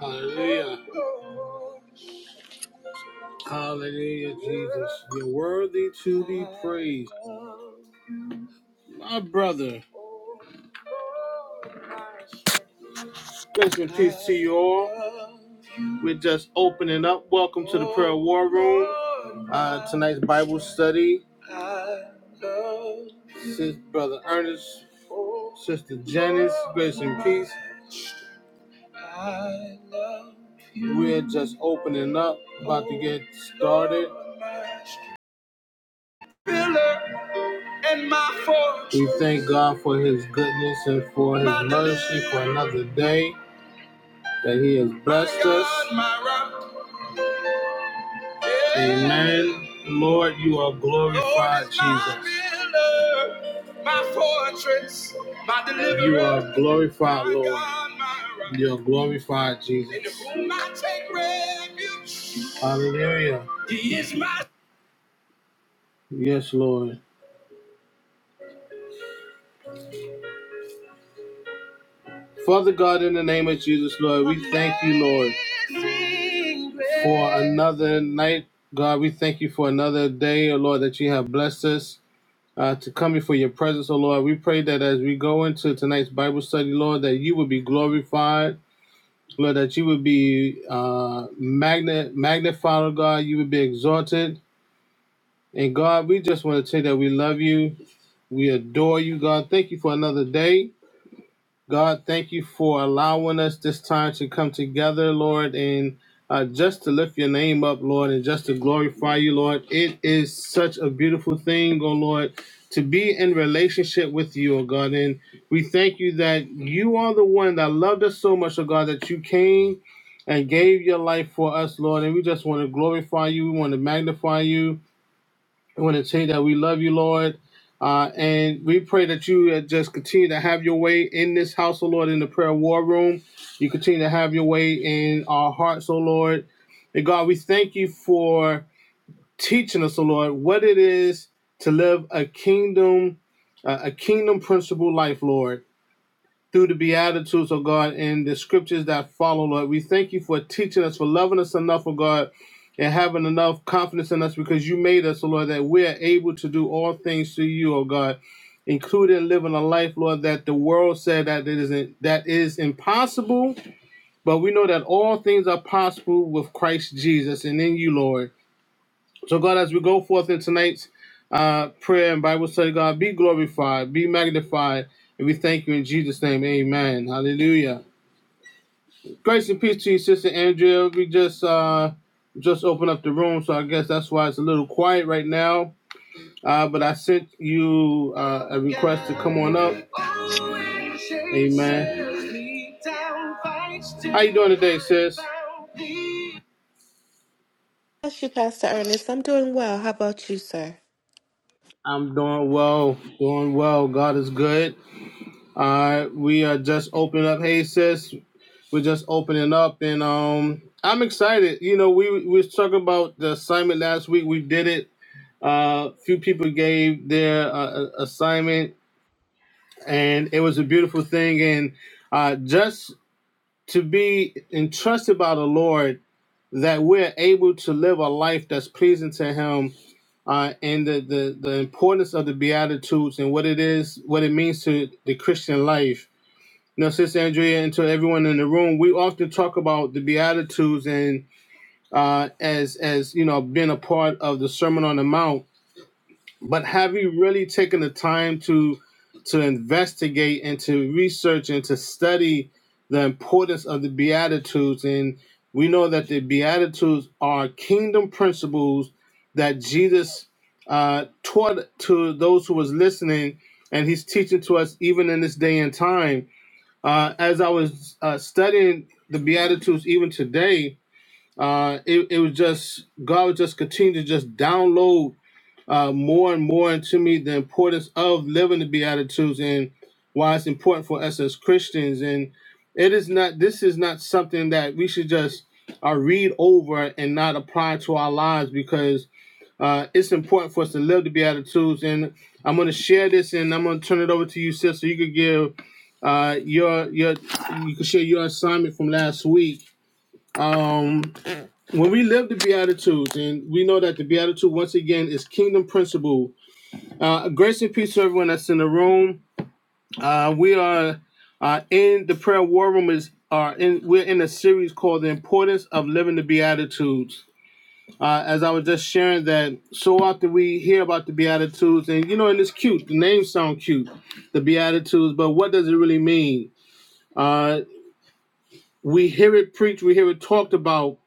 Hallelujah. Hallelujah, Jesus. You're worthy to be praised. My brother, grace and peace to you all. We're just opening up. Welcome to the prayer war room. Uh, tonight's Bible study, Sis Brother Ernest, Sister Janice, grace and peace. We're just opening up, about to get started. and my forge. We thank God for his goodness and for his My mercy for another day that he has blessed My us. Yeah. Amen. Lord, you are glorified, Lord Jesus. my deliverer. You are glorified, Lord. God, You are glorified, Jesus. Hallelujah. Yes, Lord. Father God, in the name of Jesus, Lord, we thank you, Lord, for another night. God, we thank you for another day, oh Lord, that you have blessed us uh, to come before your presence, oh Lord. We pray that as we go into tonight's Bible study, Lord, that you would be glorified, Lord, that you would be uh, magna- magnified, oh God, you would be exalted. And God, we just want to say that we love you, we adore you, God. Thank you for another day. God, thank you for allowing us this time to come together, Lord, and uh, just to lift your name up, Lord, and just to glorify you, Lord. It is such a beautiful thing, oh Lord, to be in relationship with you, oh God. And we thank you that you are the one that loved us so much, oh God, that you came and gave your life for us, Lord. And we just want to glorify you. We want to magnify you. We want to say that we love you, Lord. Uh, and we pray that you uh, just continue to have your way in this house, O Lord, in the prayer war room. You continue to have your way in our hearts, O Lord. And God, we thank you for teaching us, O Lord, what it is to live a kingdom, uh, a a kingdom principle life, Lord through the Beatitudes, oh God, and the scriptures that follow, Lord. We thank you for teaching us, for loving us enough, oh God, and having enough confidence in us because you made us, oh Lord, that we are able to do all things through you, oh God, including living a life, Lord, that the world said that it isn't that is impossible. But we know that all things are possible with Christ Jesus and in you, Lord. So, God, as we go forth in tonight's uh, prayer and Bible study, God, be glorified, be magnified, and we thank you in Jesus' name. Amen. Hallelujah. Grace and peace to you, Sister Andrea. We just uh, just opened up the room, so I guess that's why it's a little quiet right now. Uh, but I sent you uh, a request to come on up. Amen. How you doing today, sis? Bless you, Pastor Ernest. I'm doing well. How about you, sir? I'm doing well, doing well. God is good. Uh, we are just opening up. Hey, sis, we're just opening up, and um, I'm excited. You know, we we was talking about the assignment last week. We did it. A Uh, few people gave their uh, assignment, and it was a beautiful thing. And uh, just to be entrusted by the Lord that we're able to live a life that's pleasing to Him uh, and the, the, the importance of the Beatitudes and what it is, what it means to the Christian life. Now, Sister Andrea, and to everyone in the room, we often talk about the Beatitudes and uh, as as you know being a part of the Sermon on the Mount. But have you really taken the time to to investigate and to research and to study the importance of the Beatitudes? And we know that the Beatitudes are kingdom principles that Jesus uh, taught to those who was listening, and He's teaching to us even in this day and time uh, as I was uh, studying the Beatitudes even today, uh, it, it was just, God would just continue to just download uh, more and more into me the importance of living the Beatitudes and why it's important for us as Christians. And it is not, this is not something that we should just uh, read over and not apply to our lives because uh, it's important for us to live the Beatitudes. And I'm going to share this and I'm going to turn it over to you, sis, so you could give uh, your, your, you can share your assignment from last week. Um, when we live the Beatitudes, and we know that the Beatitude, once again, is kingdom principle. Uh, grace and peace to everyone that's in the room. Uh, we are uh, in the prayer war room is are in we're in a series called the importance of living the beatitudes uh, as I was just sharing that so often we hear about the Beatitudes, and you know, and it's cute. The names sound cute, the Beatitudes, but what does it really mean? Uh, we hear it preached, we hear it talked about,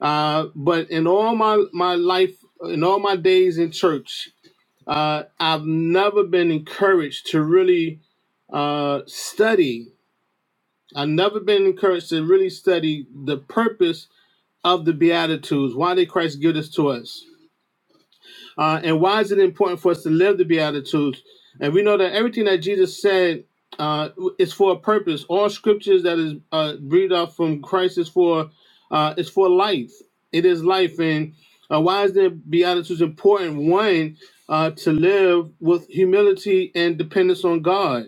uh, but in all my my life, in all my days in church, uh, I've never been encouraged to really uh, study. I've never been encouraged to really study the purpose of the Beatitudes. Why did Christ give this to us? Uh, and why is it important for us to live the Beatitudes? And we know that everything that Jesus said uh, is for a purpose. All scriptures that is uh, breathed out from Christ is for uh, is for life. It is life. And uh, why is the Beatitudes important? One, uh, to live with humility and dependence on God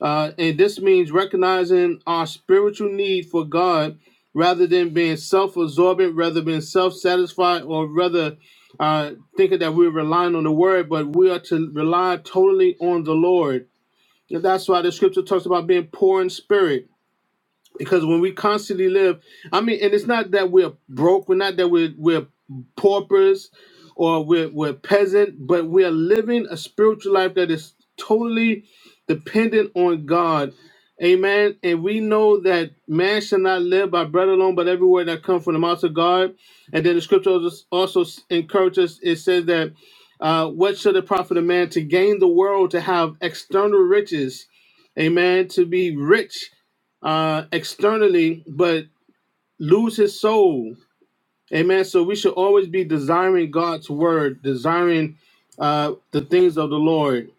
uh, and this means recognizing our spiritual need for God rather than being self absorbent, rather than self satisfied, or rather uh, thinking that we're relying on the word, but we are to rely totally on the Lord. And that's why the scripture talks about being poor in spirit because when we constantly live i mean and it's not that we're broke we're not that we're we're paupers or we're we're peasant but we're living a spiritual life that is totally dependent on god amen and we know that man shall not live by bread alone but every word that comes from the mouth of god and then the scripture also also encourages it says that uh, what should it profit a man to gain the world to have external riches amen to be rich uh, externally, but lose his soul. Amen. So we should always be desiring God's word, desiring uh, the things of the Lord.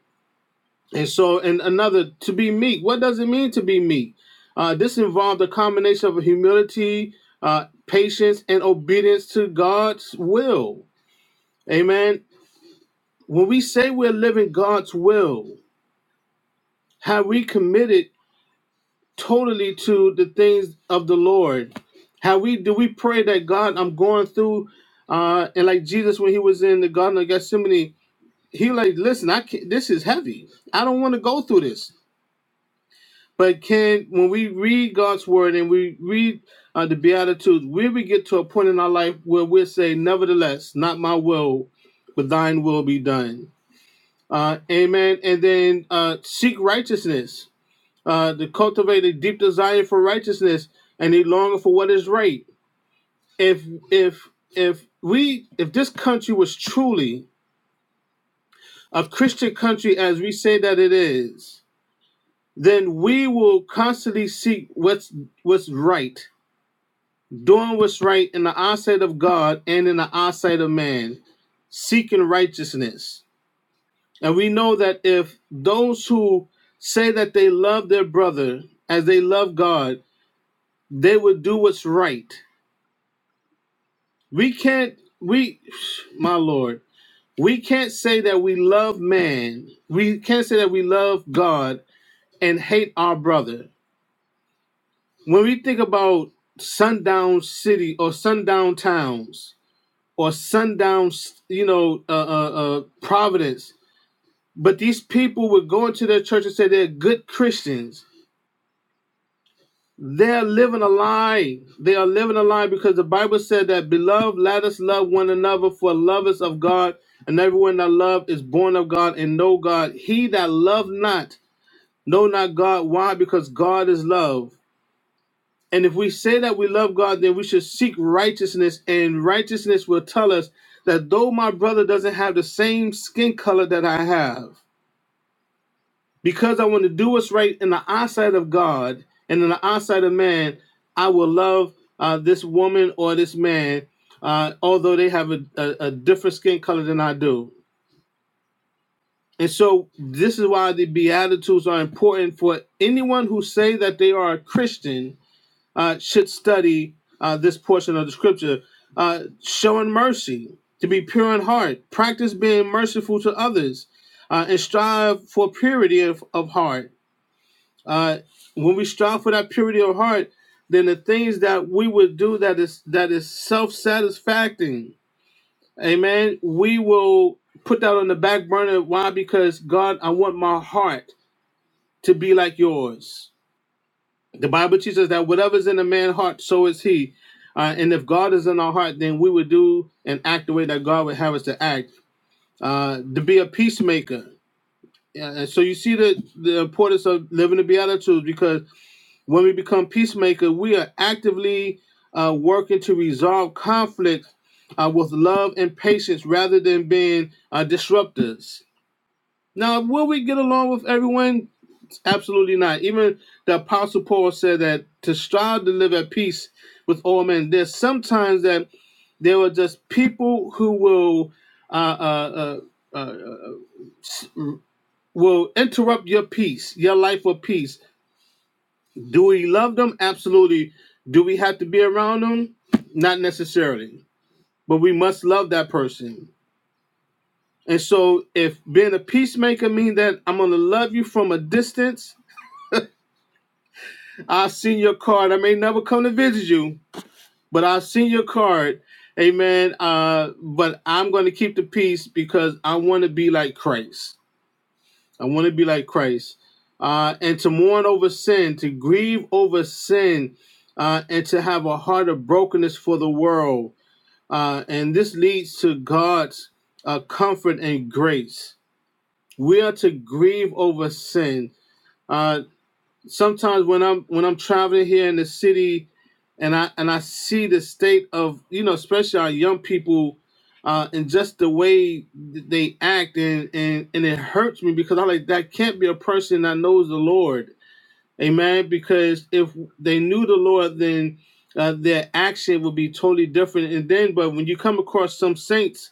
And so, and another, to be meek. What does it mean to be meek? Uh, this involved a combination of humility, uh, patience, and obedience to God's will. Amen. When we say we're living God's will, have we committed? totally to the things of the Lord. How we do we pray that God, I'm going through, uh, and like Jesus when he was in the Garden of Gethsemane, he like, listen, I can't, this is heavy. I don't want to go through this. But can when we read God's word and we read uh, the Beatitudes, we we get to a point in our life where we say, nevertheless, not my will, but thine will be done. Uh, amen. And then uh, seek righteousness uh, to cultivate a deep desire for righteousness and a longing for what is right. If if if we if this country was truly a Christian country as we say that it is, then we will constantly seek what's what's right, doing what's right in the eyesight of God and in the eyesight of man, seeking righteousness. And we know that if those who say that they love their brother as they love God, they would do what's right We can't we my lord, we can't say that we love man. We can't say that we love God and hate our brother. When we think about sundown city or sundown towns or sundown, you know, uh, uh, uh, Providence, but these people would go into their church and say they're good Christians They're living a lie. They are living a lie because the Bible said that, Beloved, let us love one another, for love is of God, and everyone that love is born of God and know God. He that love not, know not God. Why? Because God is love. And if we say that we love God, then we should seek righteousness, and righteousness will tell us that though my brother doesn't have the same skin color that I have, because I want to do what's right in the eyesight of God and in the eyesight of man, I will love uh, this woman or this man, uh, although they have a, a, a different skin color than I do. And so this is why the Beatitudes are important for anyone who say that they are a Christian uh, should study uh, this portion of the scripture. Uh, showing mercy, to be pure in heart, practice being merciful to others, uh, and strive for purity of, of heart uh, when we strive for that purity of heart, then the things that we would do that is that is self is self-satisfying, amen. We will put that on the back burner. Why? Because God, I want my heart to be like yours. The Bible teaches that whatever's in a man's heart, so is he. Uh, and if God is in our heart, then we would do and act the way that God would have us to act. Uh, to be a peacemaker. Yeah, and so you see the the importance of living the beatitudes because When we become peacemaker, we are actively uh, working to resolve conflict uh, with love and patience rather than being uh, disruptors. Now, will we get along with everyone? Absolutely not. Even the Apostle Paul said that to strive to live at peace with all men. There's sometimes that there are just people who will uh, uh, uh, uh, uh, will interrupt your peace, your life of peace Do we love them? Absolutely. Do we have to be around them? Not necessarily. But we must love that person. And so if being a peacemaker means that I'm gonna love you from a distance, I've seen your card. I may never come to visit you, but I've seen your card. Amen. Uh, but I'm gonna keep the peace because I wanna be like Christ. I want to be like Christ. Uh, and to mourn over sin, to grieve over sin, uh, and to have a heart of brokenness for the world. Uh, and this leads to God's uh, comfort and grace. We are to grieve over sin. Uh, sometimes when I'm when I'm traveling here in the city, and I and I see the state of you know especially our young people, uh, and just the way th- they act and and and it hurts me because I'm like that can't be a person that knows the Lord, Amen. Because if they knew the Lord, then uh, their action would be totally different. And then, but when you come across some saints,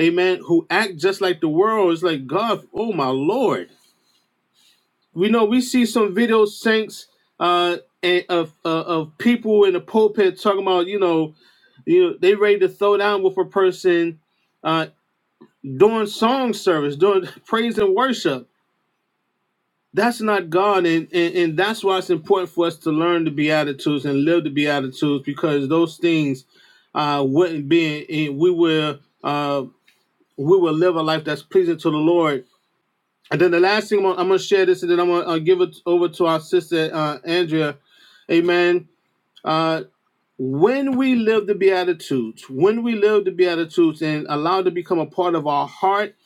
Amen, who act just like the world, it's like God, oh my Lord we know we see some video syncs uh and of uh, of people in the pulpit talking about you know you know they ready to throw down with a person uh doing song service doing praise and worship that's not god and, and and that's why it's important for us to learn the beatitudes and live the beatitudes because those things uh wouldn't be and we will uh we will live a life that's pleasing to the lord and then the last thing I'm gonna, share this, and then I'm gonna uh, give it over to our sister uh, Andrea. Amen. Uh, when we live the Beatitudes, when we live the Beatitudes and allow it to become a part of our heart,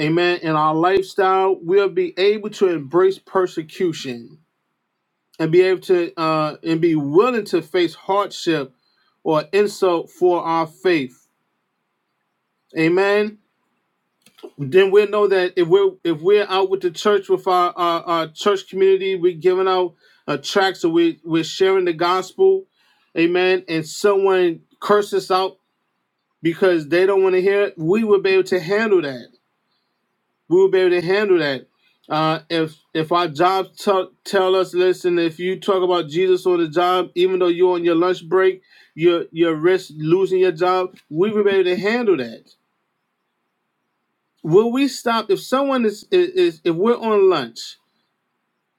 amen, and our lifestyle, we'll be able to embrace persecution and be able to uh, and be willing to face hardship or insult for our faith. Amen. then we'll know that if we're if we're out with the church with our our, our church community, we're giving out uh, tracts, so we we're sharing the gospel, amen. And someone curses out because they don't want to hear it, we will be able to handle that. We will be able to handle that. Uh, if if our jobs tell tell us, listen, if you talk about Jesus on the job, even though you're on your lunch break, you're you're risk losing your job. We will be able to handle that Will we stop if someone is, is if we're on lunch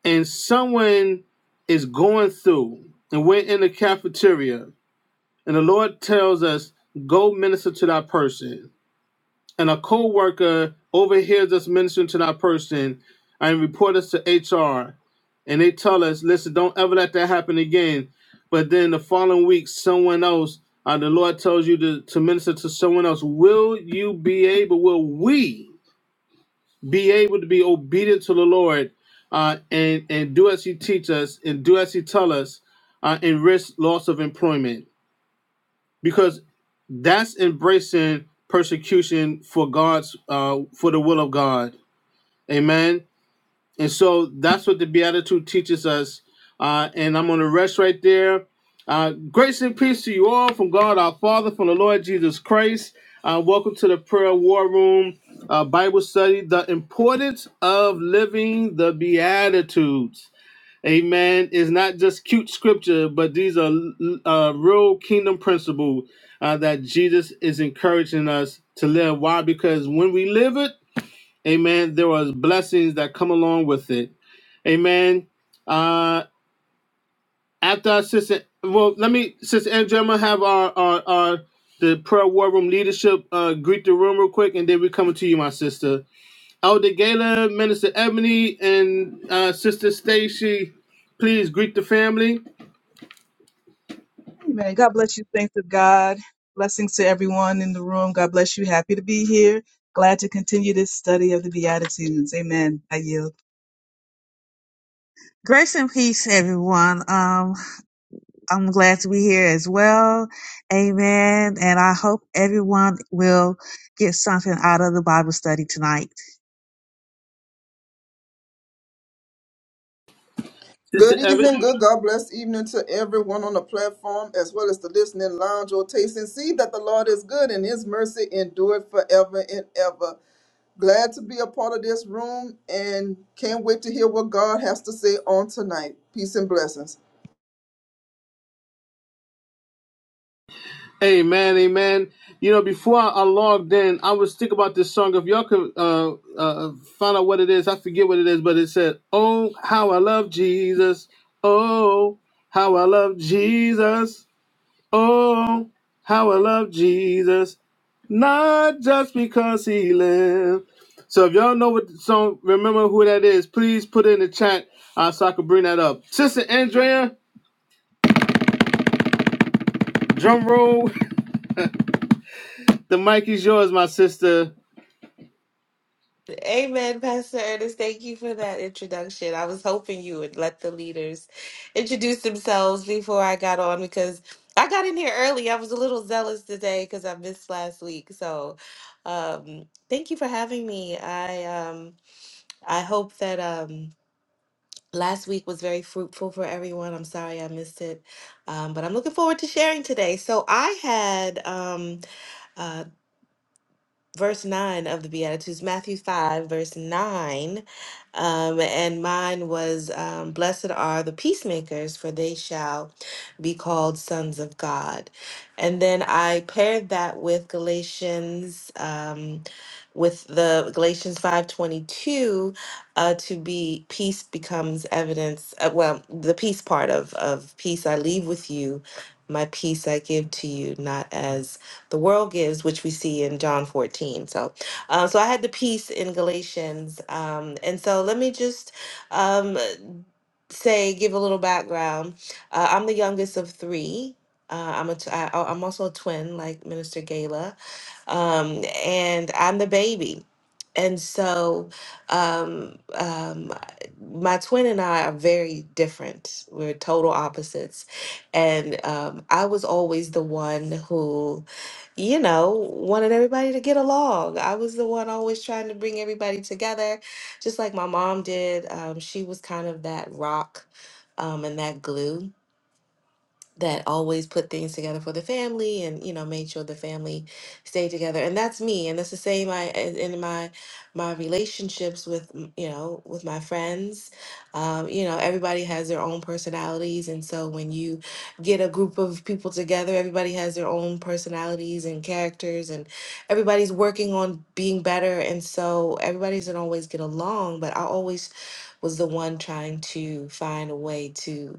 and someone is going through and we're in the cafeteria and the Lord tells us, go minister to that person, and a co-worker overhears us ministering to that person and report us to HR and they tell us, listen, don't ever let that happen again. But then the following week, someone else, uh, the Lord tells you to, to minister to someone else. Will you be able, will we? be able to be obedient to the Lord uh, and and do as He teach us and do as He tell us uh, and risk loss of employment because that's embracing persecution for God's uh, for the will of God. Amen. And so that's what the Beatitude teaches us. Uh, and I'm going to rest right there. Uh, grace and peace to you all from God our Father, from the Lord Jesus Christ. Uh, welcome to the Prayer War Room uh, Bible study. The importance of living the Beatitudes. Amen. Is not just cute scripture, but these are uh, real kingdom principles uh, that Jesus is encouraging us to live. Why? Because when we live it, Amen. There was blessings that come along with it. Amen. Uh, after our sister, well, let me, Sister Andrea, I'm gonna have our, our, our the prayer war room leadership uh, greet the room real quick, and then we coming to you, my sister. Elder Gala, Minister Ebony, and uh, Sister Stacy, please greet the family. Amen. God bless you. Thanks to God. Blessings to everyone in the room. God bless you. Happy to be here. Glad to continue this study of the Beatitudes. Amen. I yield. Grace and peace, everyone. Um, I'm glad to be here as well. Amen. And I hope everyone will get something out of the Bible study tonight. Sister Good Ebony. evening, good God bless evening to everyone on the platform as well as the listening lounge or taste and see that the Lord is good and his mercy endureth forever and ever. Glad to be a part of this room and can't wait to hear what God has to say on tonight. Peace and blessings. Amen, amen. You know, before I, I logged in, I was thinking about this song. If y'all could uh, uh, uh, find out what it is, I forget what it is, but it said, "Oh, how I love Jesus! Oh, how I love Jesus! Oh, how I love Jesus! Not just because He lived." So, if y'all know what song, remember who that is, please put it in the chat uh, so I can bring that up. Sister Andrea, drum roll. The mic is yours, my sister. Amen, Pastor Ernest. Thank you for that introduction. I was hoping you would let the leaders introduce themselves before I got on because I got in here early. I was a little zealous today because I missed last week. So, um, thank you for having me. I um, I hope that um, last week was very fruitful for everyone. I'm sorry I missed it, um, but I'm looking forward to sharing today. So I had um, uh, verse 9 of the Beatitudes, Matthew 5, verse 9. Um, and mine was, um, Blessed are the peacemakers, for they shall be called sons of God. And then I paired that with Galatians. Um, with the Galatians 5:22 uh to be peace becomes evidence uh, well the peace part of of peace I leave with you my peace I give to you not as the world gives, which we see in John 14. So, uh, so I had the peace in Galatians, um, and so let me just um, say, give a little background. Uh, I'm the youngest of three. Uh, I'm a t- I, I'm also a twin, like Minister Gala um, and I'm the baby. And so, um, um, my twin and I are very different. We're total opposites. And um, I was always the one who, you know, wanted everybody to get along. I was the one always trying to bring everybody together, just like my mom did. Um, she was kind of that rock um, and that glue that always put things together for the family and you know made sure the family stayed together and that's me and that's the same i in in my my relationships with mm, you know with my friends um, you know everybody has their own personalities and so when you get a group of people together everybody has their own personalities and characters and everybody's working on being better and so everybody doesn't always get along but i always was the one trying to find a way to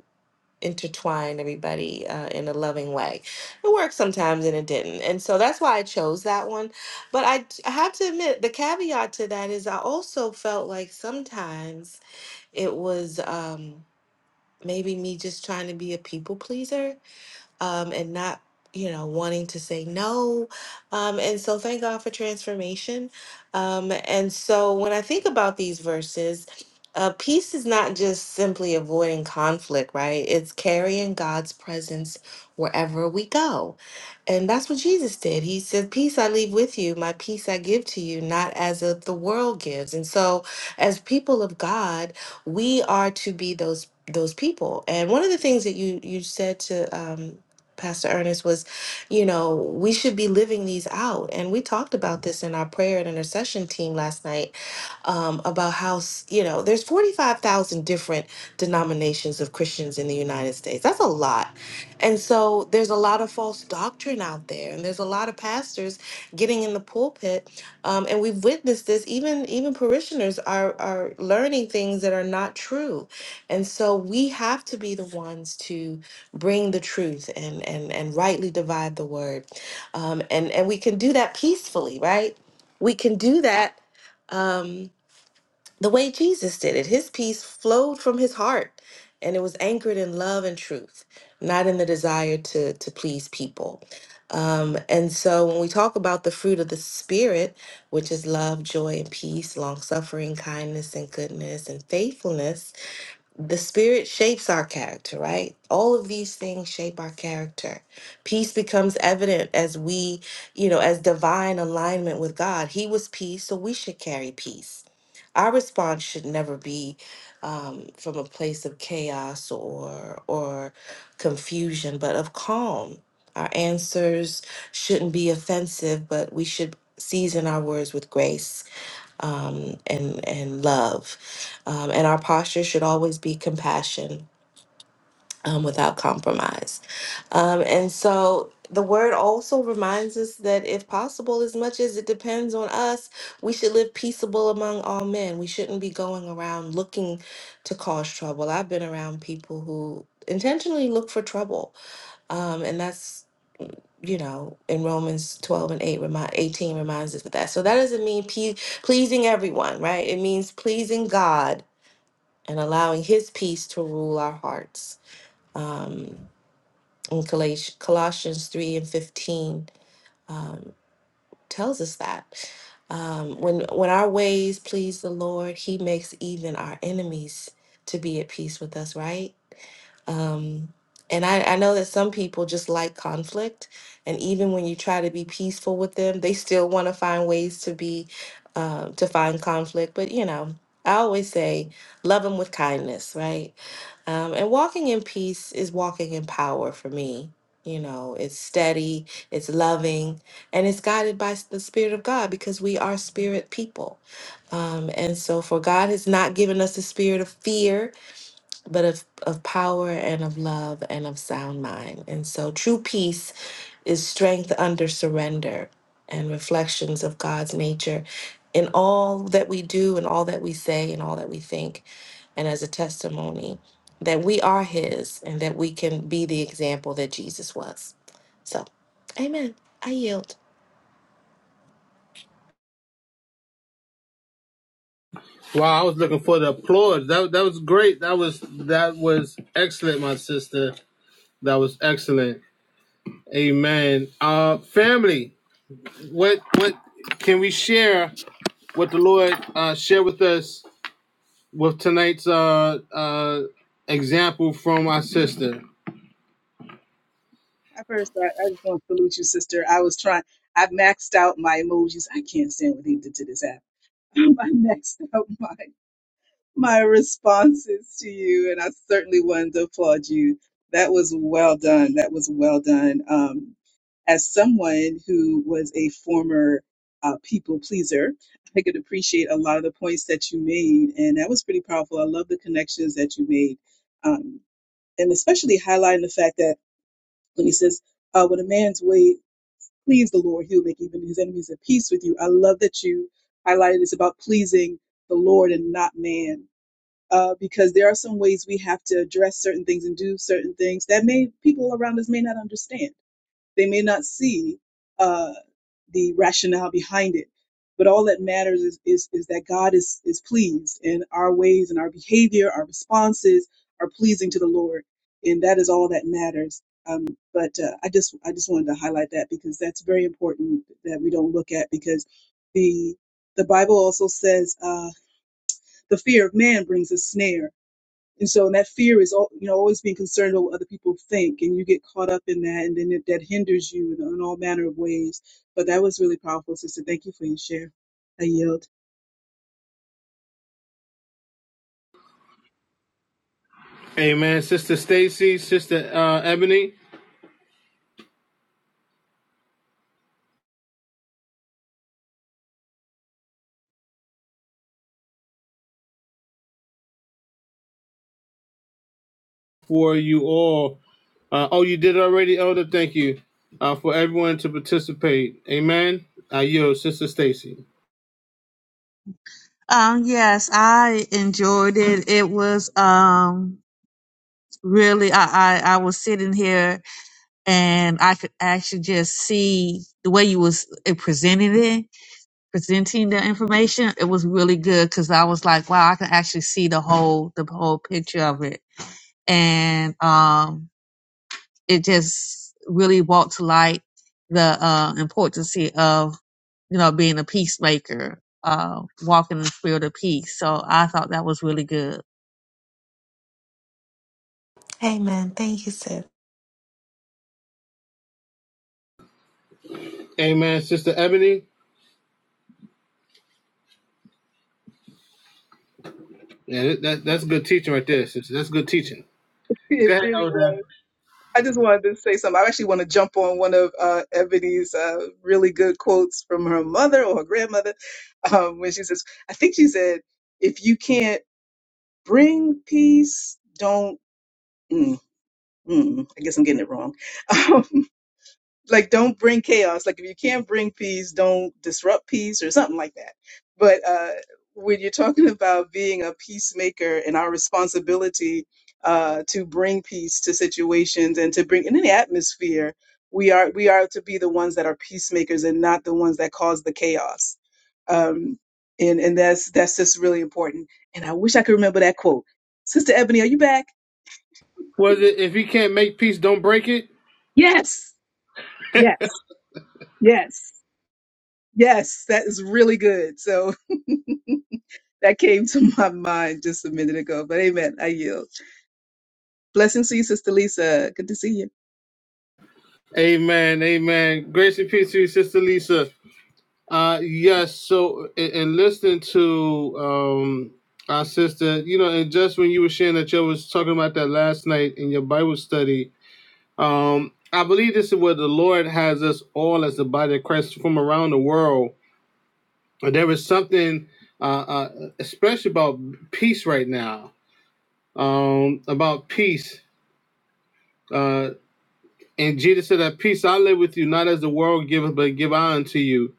intertwine everybody uh, in a loving way. It worked sometimes and it didn't. And so that's why I chose that one. But I, d- I have to admit, the caveat to that is I also felt like sometimes it was um, maybe me just trying to be a people pleaser um, and not, you know, wanting to say no. Um, and so thank God for transformation. Um, and so when I think about these verses, uh, peace is not just simply avoiding conflict, right? It's carrying God's presence wherever we go. And that's what Jesus did. He said, Peace I leave with you, my peace I give to you, not as of the world gives. And so, as people of God, we are to be those those people. And one of the things that you you said to um Pastor Ernest, was, you know, we should be living these out. And we talked about this in our prayer and intercession team last night um, about how s- you know there's 45,000 different denominations of Christians in the United States. That's a lot, and so there's a lot of false doctrine out there, and there's a lot of pastors getting in the pulpit, um, and we've witnessed this. Even even parishioners are are learning things that are not true, and so we have to be the ones to bring the truth and and and rightly divide the word, um, and and we can do that peacefully, right? We can do that. Um, the way Jesus did it. His peace flowed from his heart and it was anchored in love and truth, not in the desire to, to please people. Um, and so when we talk about the fruit of the Spirit, which is love, joy, and peace, long suffering, kindness, and goodness, and faithfulness, the spirit shapes our character, right? All of these things shape our character. Peace becomes evident as we, you know, as divine alignment with God. He was peace, so we should carry peace. Our response should never be um, from a place of chaos or or confusion, but of calm. Our answers shouldn't be offensive, but we should season our words with grace um, and and love, um, and our posture should always be compassion um, without compromise. Um, and so the word also reminds us that if possible, as much as it depends on us, we should live peaceable among all men. We shouldn't be going around looking to cause trouble. I've been around people who intentionally look for trouble, um, and that's you know, in Romans 12 and 8, remind, 18 reminds us of that. So that doesn't mean pe- pleasing everyone, right? It means pleasing God and allowing His peace to rule our hearts. Um, in Coloss- Colossians 3 and 15 um, tells us that. Um, when, when our ways please the Lord, He makes even our enemies to be at peace with us, right? Um, and I, I know that some people just like conflict, and even when you try to be peaceful with them, they still want to find ways to be uh, to find conflict. But you know, I always say, love them with kindness, right? Um, and walking in peace is walking in power for me. You know, it's steady, it's loving, and it's guided by s- the Spirit of God because we are spirit people. Um, and so, for God has not given us the spirit of fear, but of, of power and of love and of sound mind. And so true peace is strength under surrender and reflections of God's nature in all that we do and all that we say and all that we think, and as a testimony that we are His and that we can be the example that Jesus was. So, amen. I yield. Wow, I was looking for the applause. That that was great. That was that was excellent, my sister. That was excellent. Amen. Uh, family, what what can we share? What the Lord uh, share with us with tonight's uh, uh, example from our sister. At first, I, I just want to salute you, sister. I was trying, I maxed out my emojis. I can't stand what they did to this app. I maxed out mine. my responses to you, and I certainly wanted to applaud you. That was well done. That was well done. Um, as someone who was a former uh, people pleaser, I could appreciate a lot of the points that you made, and that was pretty powerful. I love the connections that you made, um, and especially highlighting the fact that when he says, uh, "When a man's way please the Lord, he'll make even his enemies at peace with you." I love that you highlighted it's about pleasing the Lord and not man uh, because there are some ways we have to address certain things and do certain things that may people around us may not understand. They may not see uh, the rationale behind it. But all that matters is, is, is that God is, is pleased, and our ways and our behavior, our responses are pleasing to the Lord, and that is all that matters. Um, but uh, I just I just wanted to highlight that because that's very important that we don't look at because the the Bible also says uh, the fear of man brings a snare, and so that fear is, al- you know, always being concerned about what other people think, and you get caught up in that, and then it, that hinders you in, in all manner of ways. But that was really powerful, sister. Thank you for your share. I yield. Amen. Sister Stacy, Sister uh, Ebony, for you all. Uh, oh, you did already, Elder. Thank you uh, for everyone to participate. Amen. Uh, yo, Sister Stacy. Um, yes, I enjoyed it. It was, um, really, I, I, I was sitting here and I could actually just see the way you was uh, presenting it, presenting the information. It was really good because I was like, wow, I can actually see the whole, the whole picture of it. And, um, it just really brought to light the uh, importance of you know being a peacemaker, uh, walking in the spirit of peace. So I thought that was really good. Amen. Thank you, sis. Amen, Sister Ebony. Yeah, that, that, that's good teaching right there, sister. That's good teaching. It Go ahead, really Elder. was. I just wanted to say something. I actually want to jump on one of uh, Ebony's uh, really good quotes from her mother or her grandmother um, when she says, I think she said, if you can't bring peace, don't. Mm, mm, I guess I'm getting it wrong. like don't bring chaos like if you can't bring peace don't disrupt peace or something like that but uh when you're talking about being a peacemaker and our responsibility uh to bring peace to situations and to bring in any atmosphere we are we are to be the ones that are peacemakers and not the ones that cause the chaos um and and that's that's just really important and i wish i could remember that quote sister ebony are you back Was it if you can't make peace, don't break it? yes yes yes Yes, that is really good. So that came to my mind just a minute ago. But amen. I yield. Blessings to you, Sister Lisa. Good to see you. Amen, amen. Grace and peace to you, Sister Lisa. Uh, yes. So, in, in listening to um our sister, you know, and just when you were sharing that you was talking about that last night in your Bible study, um, I believe this is where the Lord has us all as the body of Christ from around the world But there is something, uh, uh, especially about peace right now, um, about peace. Uh, and Jesus said that peace I live with you, not as the world giveth, but give I unto you.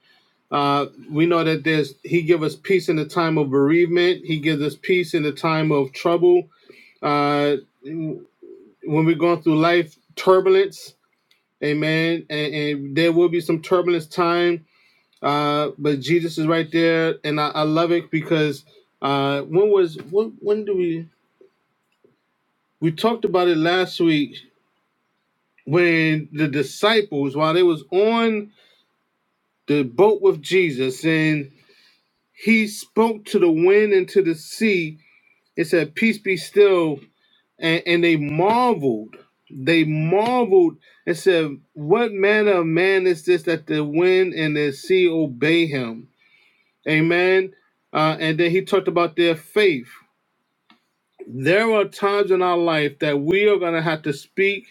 Uh, we know that there's He give us peace in the time of bereavement. He gives us peace in the time of trouble. Uh, when we're going through life turbulence, Amen. And, and there will be some turbulence time Uh, but Jesus is right there, and I, I love it because uh, when was when when do we we talked about it last week when the disciples while they was on the boat with Jesus and he spoke to the wind and to the sea It said peace be still and, and they marveled they marveled and said what manner of man is this that the wind and the sea obey him Amen. Uh, and then he talked about their faith. There are times in our life that we are going to have to speak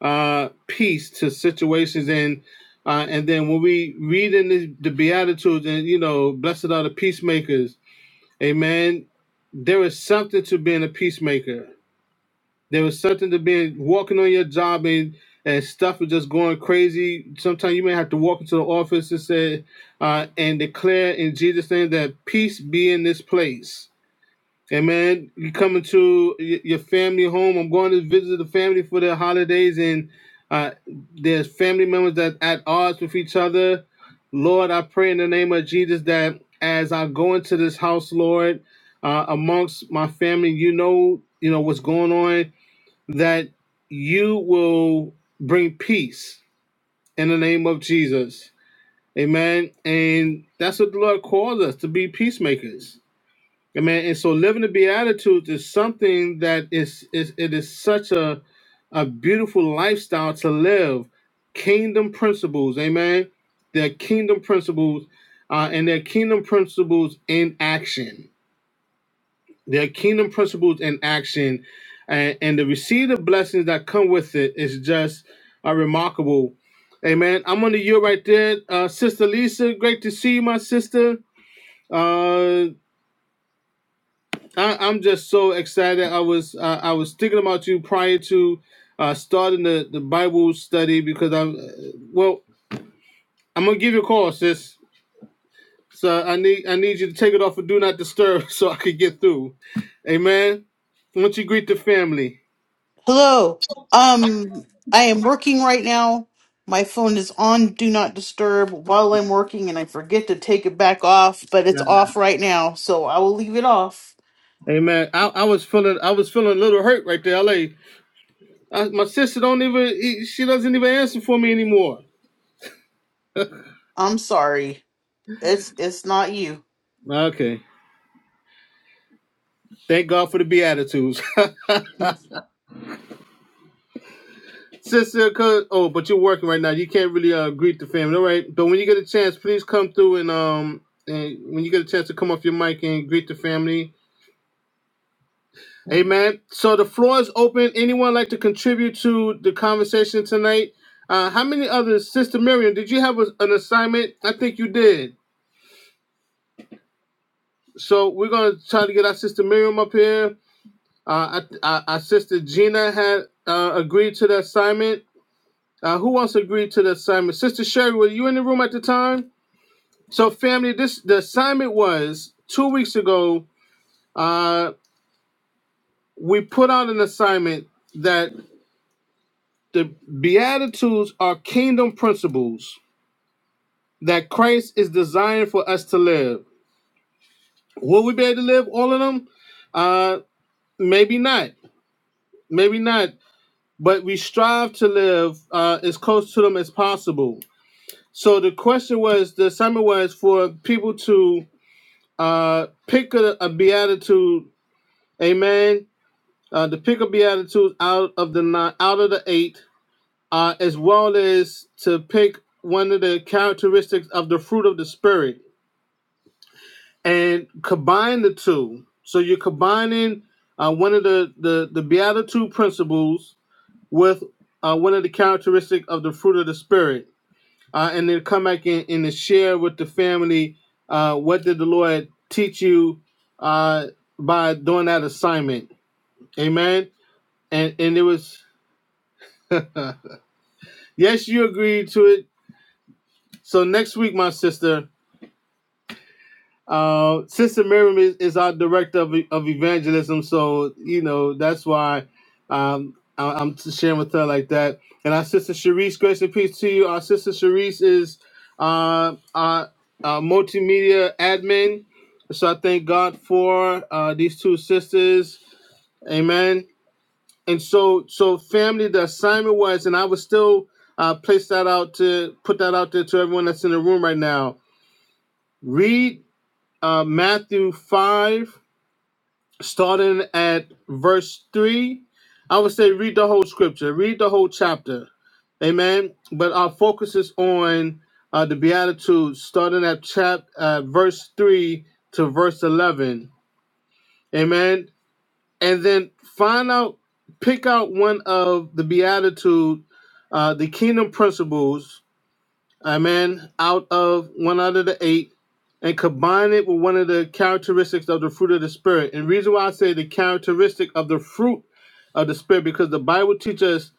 uh, peace to situations, and uh, and then when we read in the, the Beatitudes, and you know, blessed are the peacemakers. Amen. There is something to being a peacemaker. There was something to being walking on your job and and stuff was just going crazy. Sometimes you may have to walk into the office and say uh, and declare in Jesus' name that peace be in this place. Amen. You come into your family home. I'm going to visit the family for their holidays, and uh, there's family members that are at odds with each other. Lord, I pray in the name of Jesus that as I go into this house, Lord, uh, amongst my family, you know, you know what's going on that you will bring peace in the name of Jesus. Amen. And that's what the Lord calls us to be peacemakers. Amen. And so living the Beatitudes is something that is, is it is such a a beautiful lifestyle to live. Kingdom principles, amen. They're kingdom principles, uh, and they're kingdom principles in action. Their kingdom principles in action and, and the receipt of blessings that come with it is just uh, remarkable. Amen. I'm on the year right there. Uh, sister Lisa, great to see you, my sister. Uh, I, I'm just so excited. I was uh, I was thinking about you prior to uh, starting the, the Bible study because I'm uh, well. I'm gonna give you a call, sis. So I need I need you to take it off of Do Not Disturb so I could get through. Amen. Once you greet the family. Hello. Um, I am working right now. My phone is on do not disturb while I'm working, and I forget to take it back off, but it's off right now, so I will leave it off. Amen. I, I was feeling I was feeling a little hurt right there. Like I, my sister don't even e, she doesn't even answer for me anymore. I'm sorry. It's it's not you. Okay, thank God for the beatitudes, sister. Cause, oh, but you're working right now. You can't really uh, greet the family. All right, but when you get a chance, please come through and um and when you get a chance to come off your mic and greet the family. Amen. So the floor is open. Anyone like to contribute to the conversation tonight? Uh, how many others, Sister Miriam? Did you have a, an assignment? I think you did. so we're gonna try to get our sister Miriam up here. Uh, I, I, our sister Gina had uh, agreed to the assignment. Uh, who else agreed to the assignment? Sister Sherry, were you in the room at the time? So, family, this the assignment was two weeks ago. Uh, we put out an assignment that the Beatitudes are kingdom principles that Christ is designed for us to live. Will we be able to live all of them? Uh, maybe not. Maybe not but we strive to live uh, as close to them as possible. So the question was, the assignment was for people to uh, pick a, a beatitude, amen, uh, to pick a beatitude out of the nine, out of the eight, uh, as well as to pick one of the characteristics of the fruit of the spirit and combine the two. So you're combining uh, one of the, the the beatitude principles with uh, one of the characteristics of the fruit of the spirit uh, and then come back in and share with the family uh, what did the Lord teach you uh, by doing that assignment. Amen. And and it was uh, yes, you agreed to it. So next week, my sister, Uh, Sister Miriam is, is our director of, of evangelism, so you know that's why um, I, I'm sharing with her like that. And our sister Sharice, grace and peace to you. Our sister Sharice is uh, our uh, multimedia admin, so I thank God for uh, these two sisters. Amen. And so, so family, the assignment was, and I would still uh, place that out to put that out there to everyone that's in the room right now. Read uh, Matthew 5, starting at verse 3. I would say read the whole scripture, read the whole chapter. Amen. But our focus is on uh, the Beatitudes, starting at chap uh, verse 3 to verse 11. Amen. And then find out, pick out one of the Beatitude, uh, the kingdom principles amen, out of one out of the eight and combine it with one of the characteristics of the fruit of the spirit. And the reason why I say the characteristic of the fruit of the spirit, because the Bible teaches us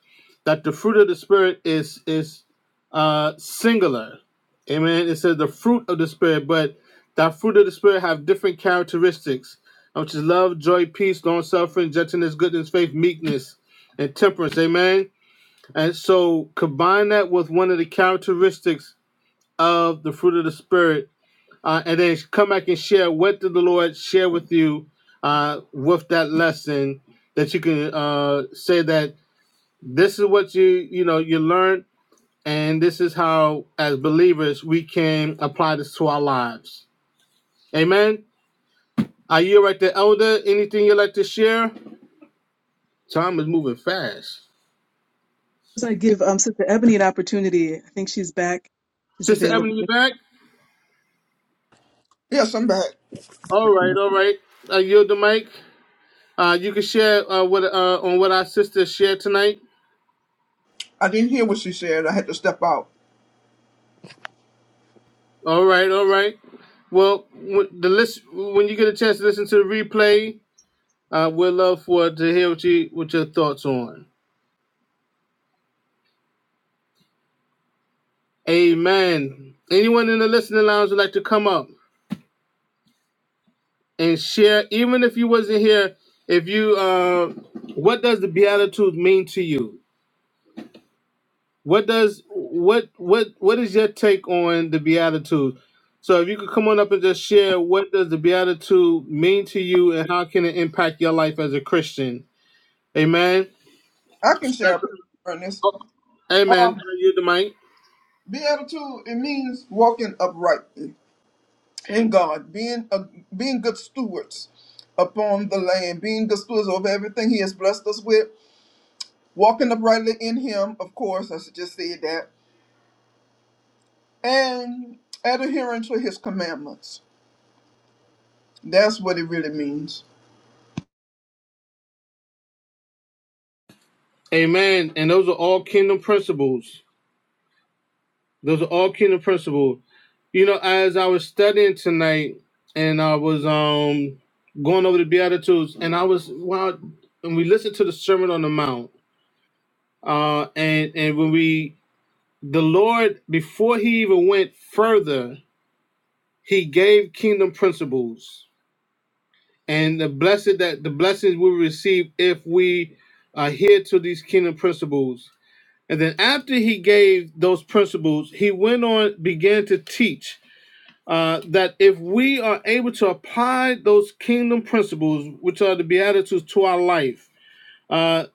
that the fruit of the spirit is is uh singular. Amen. It says the fruit of the spirit, but that fruit of the spirit have different characteristics, which is love, joy, peace, long suffering, gentleness, goodness, faith, meekness, and temperance. Amen. And so combine that with one of the characteristics of the fruit of the spirit, uh, and then come back and share what did the Lord share with you uh, with that lesson that you can uh, say that this is what you you know you learned, and this is how as believers we can apply this to our lives. Amen. Are you right there, Elder? Anything you'd like to share? Time is moving fast. So I give um, Sister Ebony an opportunity. I think she's back. She's Sister available. Ebony, you back? Yes, I'm back. All right, all right. I yield the mic. Uh, you can share uh, what uh, on what our sisters shared tonight. I didn't hear what she said. I had to step out. All right, all right. Well, when the list when you get a chance to listen to the replay, uh, we'd love for to hear what you what your thoughts on. Amen. Anyone in the listening lounge would like to come up and share, even if you wasn't here. If you, uh, what does the Beatitudes mean to you? What does what what what is your take on the Beatitudes? So if you could come on up and just share, what does the Beatitude mean to you, and how can it impact your life as a Christian? Amen. I can share, That's, Pastor Ernest. oh, amen. I yield the mic. Beatitude, it means walking uprightly. in God, being a, being good stewards upon the land, being good stewards over everything He has blessed us with, walking uprightly in Him. Of course, I should just say that, and adhering to His commandments. That's what it really means. Amen. And those are all kingdom principles. Those are all kingdom principles. You know, as I was studying tonight, and I was um going over the Beatitudes, and I was wow, and we listened to the Sermon on the Mount, uh, and and when we the Lord before He even went further, He gave kingdom principles and the blessed that the blessings we receive if we adhere to these kingdom principles And then after he gave those principles, he went on, began to teach uh, that if we are able to apply those kingdom principles, which are the Beatitudes, to our life, uh,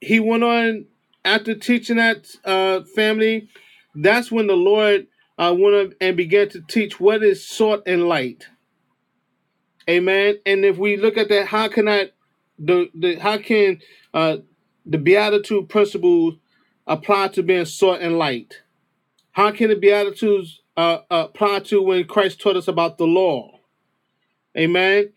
he went on after teaching that uh, family. That's when the Lord uh, went on and began to teach what is salt and light. Amen. And if we look at that, how can I, the, the how can uh, the Beatitude principles apply to being salt and light? How can the Beatitudes uh, uh, apply to when Christ taught us about the law? Amen.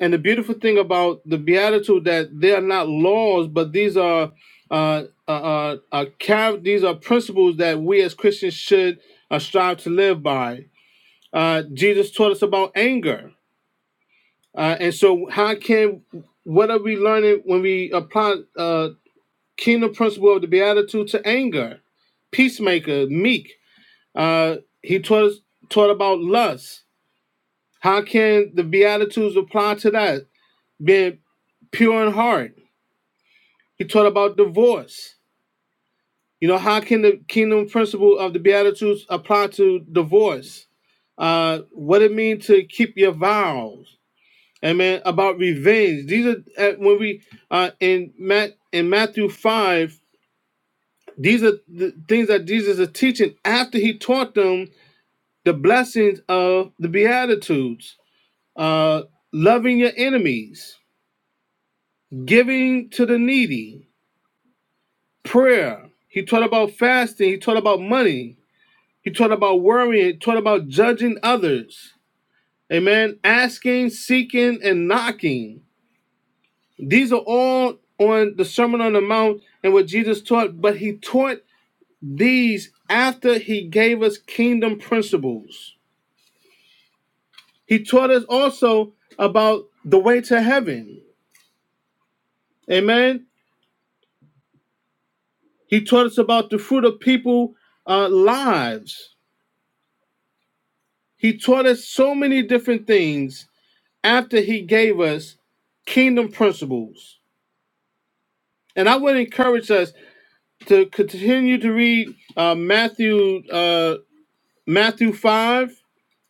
And the beautiful thing about the Beatitude that they are not laws, but these are uh, uh, uh, uh, char- these are principles that we as Christians should uh, strive to live by. Uh, Jesus taught us about anger, uh, and so how can what are we learning when we apply uh, kingdom principle of the Beatitude to anger? Peacemaker, meek, uh, he taught us taught about lust. How can the Beatitudes apply to that? Being pure in heart. He taught about divorce. You know, how can the kingdom principle of the Beatitudes apply to divorce? Uh, what it means to keep your vows. Amen. About revenge. These are uh, when we uh, in Matt in Matthew five. These are the things that Jesus is teaching after he taught them the blessings of the Beatitudes uh, loving your enemies, giving to the needy, prayer. He taught about fasting. He taught about money. He taught about worrying. He taught about judging others. Amen. Asking, seeking, and knocking. These are all on the Sermon on the Mount and what Jesus taught, but he taught these after he gave us kingdom principles. He taught us also about the way to heaven. Amen He taught us about the fruit of people uh, lives. He taught us so many different things after he gave us kingdom principles. And I would encourage us to continue to read uh, Matthew uh, Matthew five,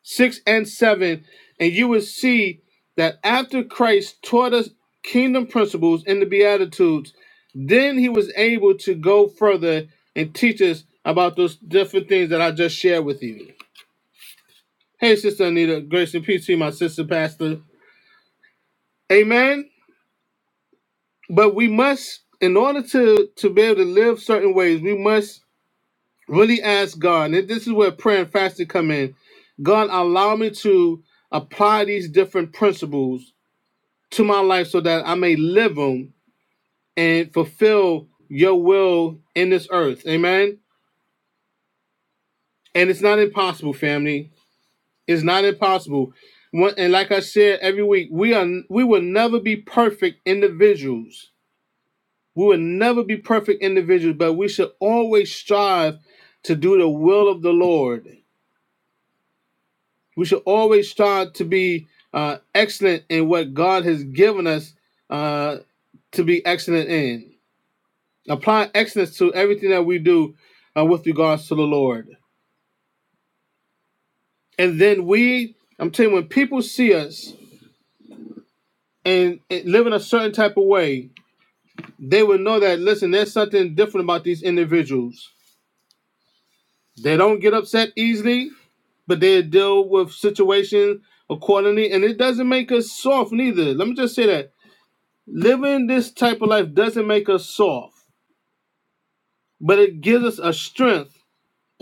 six, and seven, and you will see that after Christ taught us kingdom principles in the Beatitudes, then he was able to go further and teach us about those different things that I just shared with you. Hey, Sister Anita, grace and peace to you, my sister pastor. Amen. But we must, in order to to be able to live certain ways, we must really ask God. And this is where prayer and fasting come in. God, allow me to apply these different principles to my life so that I may live them and fulfill your will in this earth. Amen. And it's not impossible, family. It's not impossible. One- And like I said every week, we are we will never be perfect individuals We will never be perfect individuals, but we should always strive to do the will of the Lord. We should always strive to be uh, excellent in what God has given us uh, to be excellent in. Apply excellence to everything that we do uh, with regards to the Lord. And then we, I'm telling you, when people see us and, and live in a certain type of way, they will know that, listen, there's something different about these individuals. They don't get upset easily but they deal with situations accordingly, and it doesn't make us soft neither. Let me just say that living this type of life doesn't make us soft, but it gives us a strength,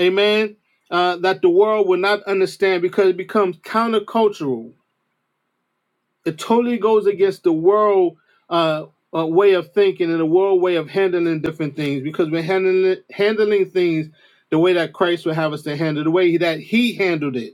amen, uh, that the world will not understand because it becomes countercultural. It totally goes against the world uh, uh, way of thinking and the world way of handling different things because we're handling handling things the way that Christ would have us to handle, the way that He handled it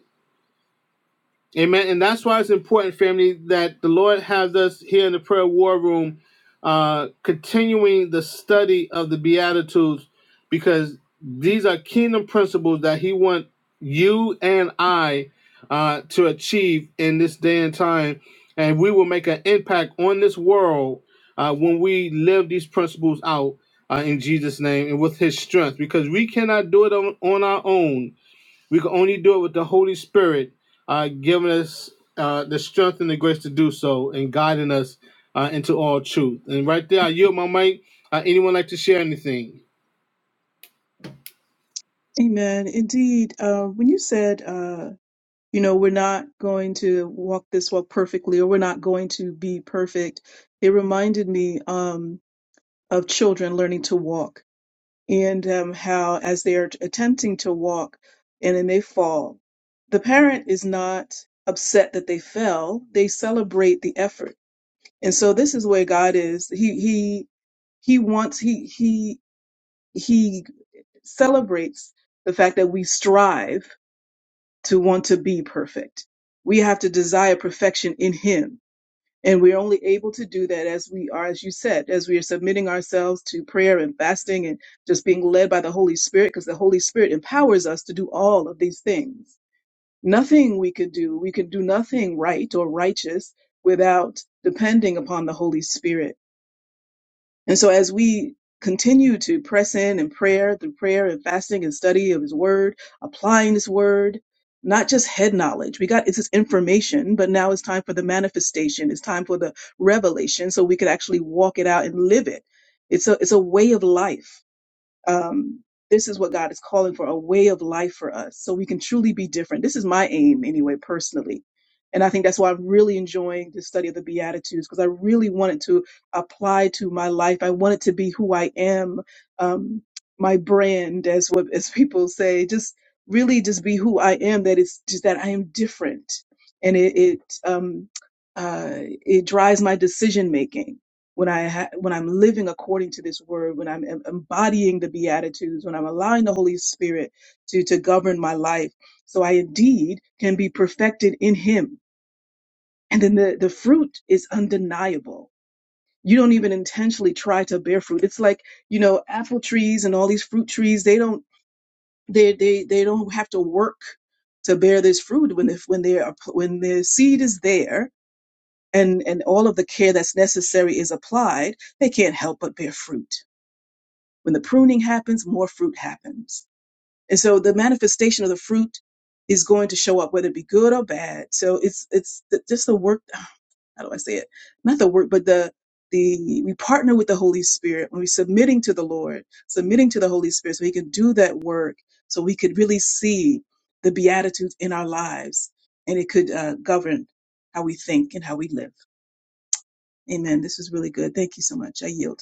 Amen. And that's why it's important, family, that the Lord has us here in the prayer war room, uh, continuing the study of the Beatitudes, because these are kingdom principles that He wants you and I uh, to achieve in this day and time. And we will make an impact on this world uh, when we live these principles out uh, in Jesus' name and with His strength, because we cannot do it on, on our own we can only do it with the Holy Spirit uh, giving us uh, the strength and the grace to do so and guiding us uh, into all truth. And right there, I yield my mic. Uh, anyone like to share anything? Amen. Indeed. Uh, when you said, uh, you know, we're not going to walk this walk perfectly or we're not going to be perfect, it reminded me um, of children learning to walk and um, how as they are attempting to walk and then they fall, the parent is not upset that they fell. They celebrate the effort. And so this is where God is. He he he wants he he he celebrates the fact that we strive to want to be perfect. We have to desire perfection in him and we're only able to do that as we are, as you said, as we are submitting ourselves to prayer and fasting and just being led by the Holy Spirit, because the Holy Spirit empowers us to do all of these things. Nothing we could do, we could do nothing right or righteous without depending upon the Holy Spirit. And so as we continue to press in in prayer through prayer and fasting and study of his word, applying his word, not just head knowledge. We got it's just information, but now it's time for the manifestation. It's time for the revelation so we could actually walk it out and live it. It's a it's a way of life um, this is what God is calling for a way of life for us so we can truly be different. This is my aim, anyway, personally. And I think that's why I'm really enjoying the study of the Beatitudes because I really want it to apply to my life. I want it to be who I am, um, my brand, as what as people say, just really just be who I am. That it's just that I am different, and it it um, uh, it drives my decision making when I ha- when I'm living according to this word, when I'm em- embodying the beatitudes, when I'm allowing the Holy Spirit to to govern my life, so I indeed can be perfected in Him. And then the the fruit is undeniable. You don't even intentionally try to bear fruit. It's like you know apple trees and all these fruit trees. They don't they they they don't have to work to bear this fruit when if when they are when the seed is there and and all of the care that's necessary is applied. They can't help but bear fruit When the pruning happens, more fruit happens. And so the manifestation of the fruit is going to show up, whether it be good or bad. So it's it's the, just the work. How do I say it? Not the work, but the the we partner with the Holy Spirit when we're submitting to the Lord, submitting to the Holy Spirit, so He can do that work. So we could really see the beatitudes in our lives, and it could uh, govern how we think and how we live. Amen. This was really good. Thank you so much. I yield.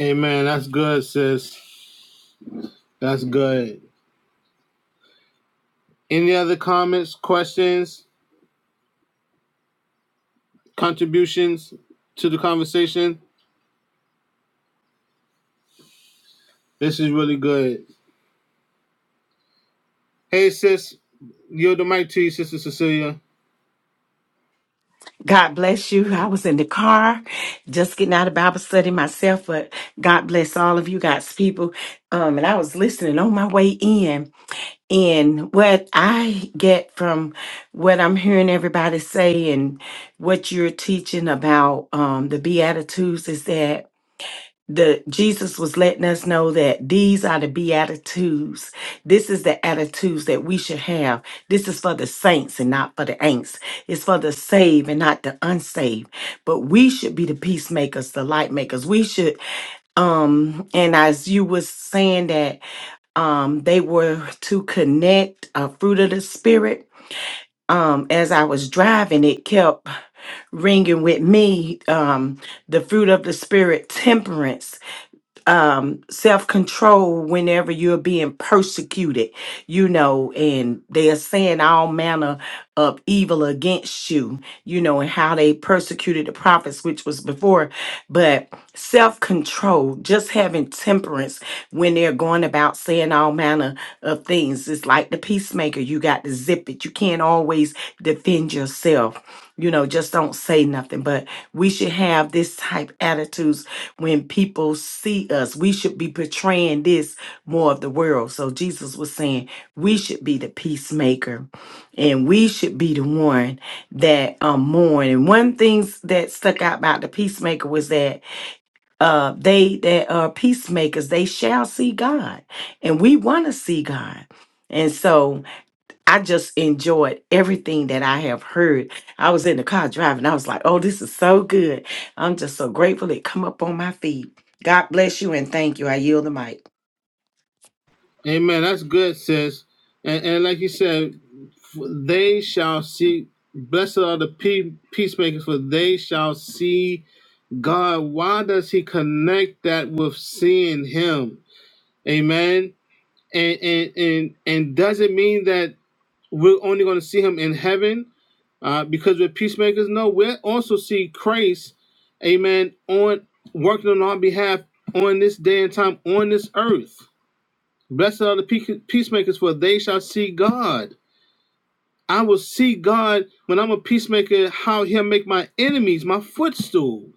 Amen. That's good, sis. That's good. Any other comments, questions, contributions to the conversation? This is really good. Hey, sis. Yield the mic to you, Sister Cecilia. God bless you. I was in the car just getting out of Bible study myself, but God bless all of you God's people. Um, and I was listening on my way in. And what I get from what I'm hearing everybody say and what you're teaching about um, the Beatitudes is that the Jesus was letting us know that these are the beatitudes. This is the attitudes that we should have. This is for the saints and not for the ain'ts. It's for the saved and not the unsaved. But we should be the peacemakers, the light makers. We should um and as you was saying that um they were to connect a fruit of the spirit um as i was driving it kept ringing with me um the fruit of the spirit temperance um self-control whenever you're being persecuted you know and they're saying all manner of evil against you you know and how they persecuted the prophets which was before but self-control just having temperance when they're going about saying all manner of things it's like the peacemaker you got to zip it you can't always defend yourself you know just don't say nothing but we should have this type attitudes when people see us we should be portraying this more of the world so jesus was saying we should be the peacemaker and we should be the one that um mourn and one things that stuck out about the peacemaker was that uh they that are peacemakers they shall see god and we want to see god and so I just enjoyed everything that I have heard. I was in the car driving. I was like, oh, this is so good. I'm just so grateful it come up on my feed. God bless you and thank you. I yield the mic. Amen. That's good, sis. And, and like you said, f- they shall see. Blessed are the pe- peacemakers, for they shall see God. Why does He connect that with seeing Him? Amen. And and and and does it mean that we're only going to see Him in heaven? Uh, because we're peacemakers. No, we also see Christ. Amen. On working on our behalf on this day and time on this earth. Blessed are the peacemakers, for they shall see God. I will see God when I'm a peacemaker, how he'll make my enemies my footstool.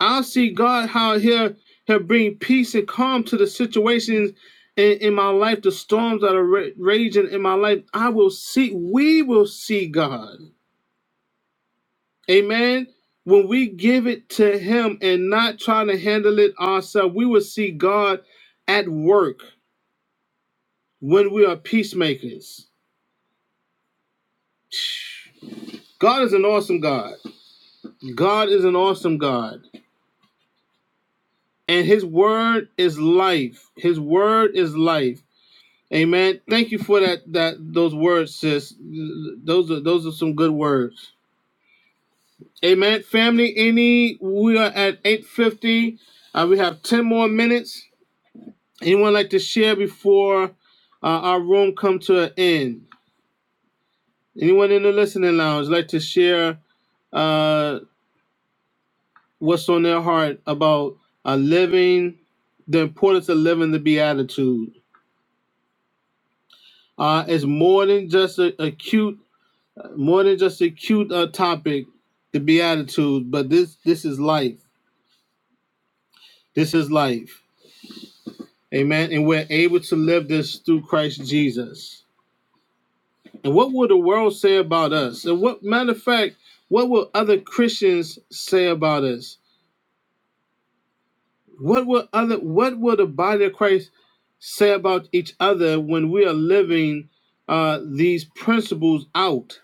I'll see God how he'll, he'll bring peace and calm to the situations in, in my life, the storms that are ra- raging in my life. I will see, we will see God. Amen. When we give it to him and not trying to handle it ourselves, we will see God at work when we are peacemakers. God is an awesome God. God is an awesome God. And his word is life. His word is life. Amen. Thank you for that that those words, sis. Those are those are some good words. Amen. Family, any we are at 850. Uh, we have 10 more minutes. Anyone like to share before uh, our room come to an end? Anyone in the listening lounge like to share uh, what's on their heart about uh, living the importance of living the beatitude. Uh, it's more than just a, a cute, more than just a cute uh, topic, the beatitude. But this this is life. This is life. Amen. And we're able to live this through Christ Jesus. And what will the world say about us? And what matter of fact, what will other Christians say about us? What will other what will the body of Christ say about each other when we are living uh, these principles out?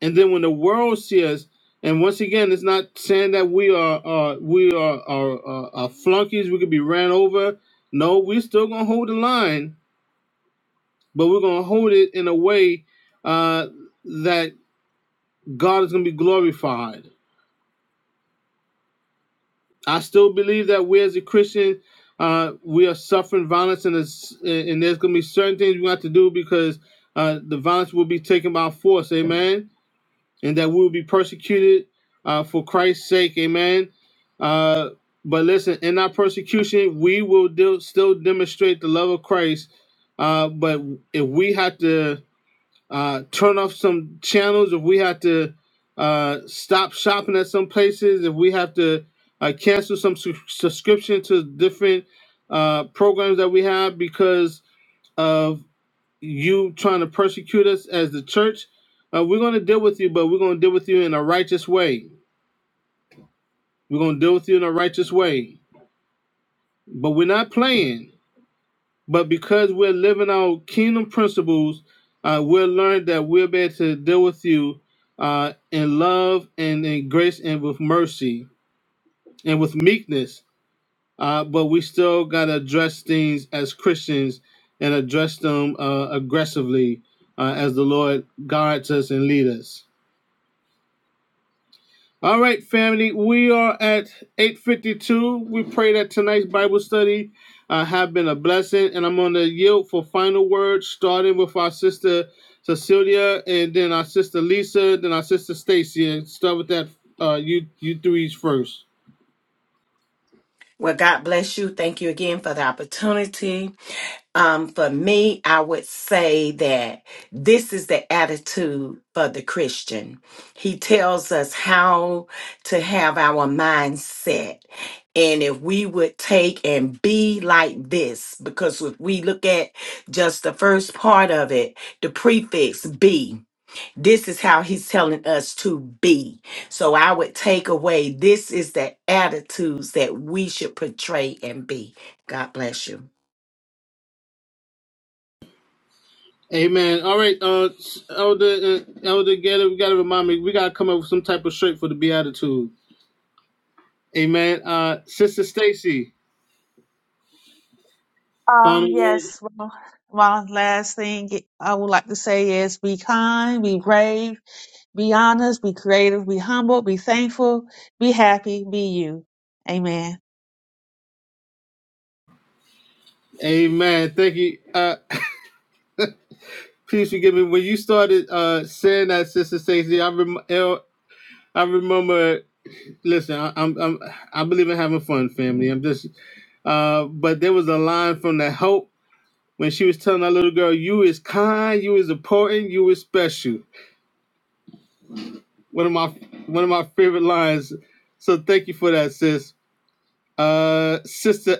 And then when the world sees us, and once again, it's not saying that we are uh, we are, are, are, are flunkies. We could be ran over. No, we're still gonna hold the line, but we're gonna hold it in a way uh, that God is gonna be glorified. I still believe that we as a Christian, uh, we are suffering violence, and and there's gonna be certain things we have to do because uh, the violence will be taken by force, amen, and that we will be persecuted uh, for Christ's sake, amen. Uh, but listen, in our persecution, we will do, still demonstrate the love of Christ. Uh, but if we have to uh, turn off some channels if we have to uh, stop shopping at some places if we have to uh, cancel some su- subscription to different uh, programs that we have because of you trying to persecute us as the church uh, we're going to deal with you but we're going to deal with you in a righteous way we're going to deal with you in a righteous way but we're not playing But because we're living out kingdom principles, uh, we'll learn that we'll be able to deal with you uh, in love and in grace and with mercy and with meekness. Uh, but we still got to address things as Christians and address them uh, aggressively uh, as the Lord guides us and leads us. All right, family, we are at 852. We pray that tonight's Bible study uh, have been a blessing, and I'm going to yield for final words, starting with our sister Cecilia, and then our sister Lisa, then our sister Stacy, and start with that uh, you you threes first. Well, God bless you. Thank you again for the opportunity. Um, for me, I would say that this is the attitude for the Christian. He tells us how to have our mindset. And if we would take and be like this, because if we look at just the first part of it, the prefix be, this is how he's telling us to be. So I would take away this is the attitudes that we should portray and be. God bless you. Amen. All right, uh, Elder uh, Elder Gator, we got to remind me, we got to come up with some type of shirt for the Beatitude. Amen. Uh, sister Stacy, final Um, word. yes. Well, one last thing I would like to say is be kind, be brave, be honest, be creative, be humble, be thankful, be happy, be you. Amen. Amen. Thank you. Uh, Please forgive me. When you started uh, saying that, Sister Stacey, I rem- I remember. Listen, I, I'm, I'm I believe in having fun, family. I'm just, uh, but there was a line from the help when she was telling that little girl, "You is kind, you is important, you is special." One of my one of my favorite lines. So thank you for that, sis. Uh, sister,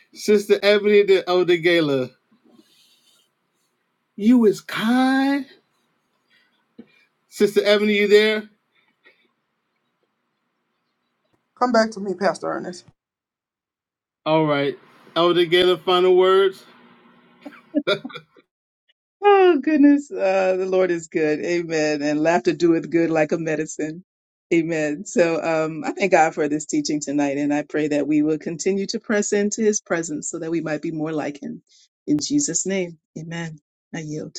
sister Ebony the Elder Gala, you is kind. Sister Ebony, you there? Come back to me, Pastor Ernest. All right, Elder Gala, final words. Oh goodness, uh, the Lord is good. Amen. And laughter doeth good like a medicine. Amen. So um, I thank God for this teaching tonight, and I pray that we will continue to press into His presence so that we might be more like Him. In Jesus' name, Amen. I yield.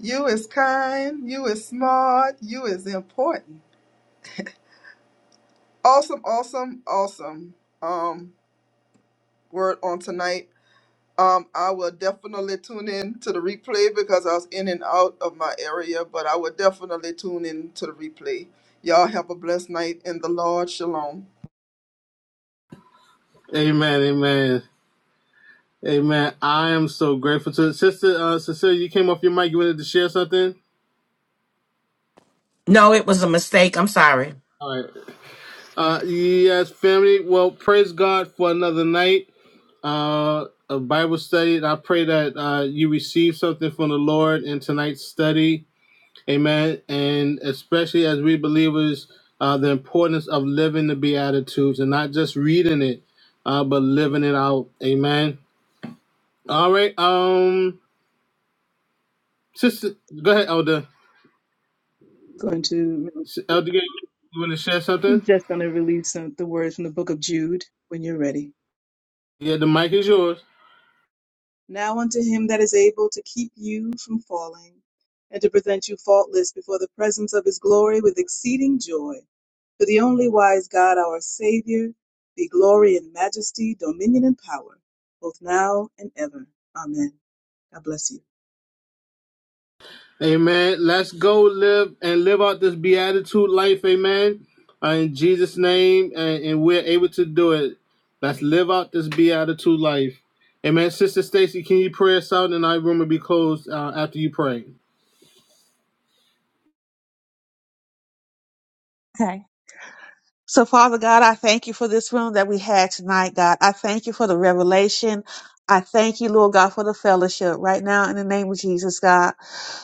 You is kind, you is smart, you is important. Awesome, awesome, awesome. Um, word on tonight. Um, I will definitely tune in to the replay because I was in and out of my area, but I will definitely tune in to the replay. Y'all have a blessed night in the Lord. Shalom. Amen, amen, amen. I am so grateful to sister uh, Cecilia. You came off your mic. You wanted to share something. No, it was a mistake. I'm sorry. All right. Uh, yes, family. Well, praise God for another night. Uh, a Bible study. And I pray that uh, you receive something from the Lord in tonight's study. Amen. And especially as we believers, uh, the importance of living the Beatitudes and not just reading it, uh, but living it out. Amen. All right. Um, sister, go ahead, Elder. Going to Elder, Gates, you want to share something? just going to release some, the words from the Book of Jude when you're ready. Yeah, the mic is yours. Now unto him that is able to keep you from falling, and to present you faultless before the presence of his glory with exceeding joy, to the only wise God our Savior, be glory and majesty, dominion and power, both now and ever. Amen. God bless you. Amen. Let's go live and live out this beatitude life. Amen. Uh, In Jesus' name, and, and we're able to do it. Let's live out this beatitude life. Amen. Sister Stacy, can you pray us out? And our room will be closed uh, after you pray. Okay. So, Father God, I thank you for this room that we had tonight, God. I thank you for the revelation. I thank you, Lord God, for the fellowship right now in the name of Jesus, God.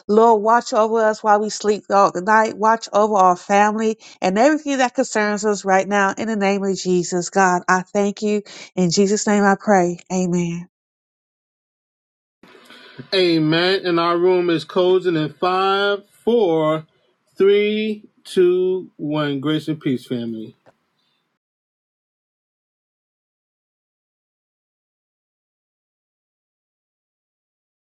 Lord, watch over us while we sleep all the night. Watch over our family and everything that concerns us right now in the name of Jesus, God. I thank you. In Jesus' name I pray. Amen. Amen. And our room is closing in five, four, three, two, one. Grace and peace, family.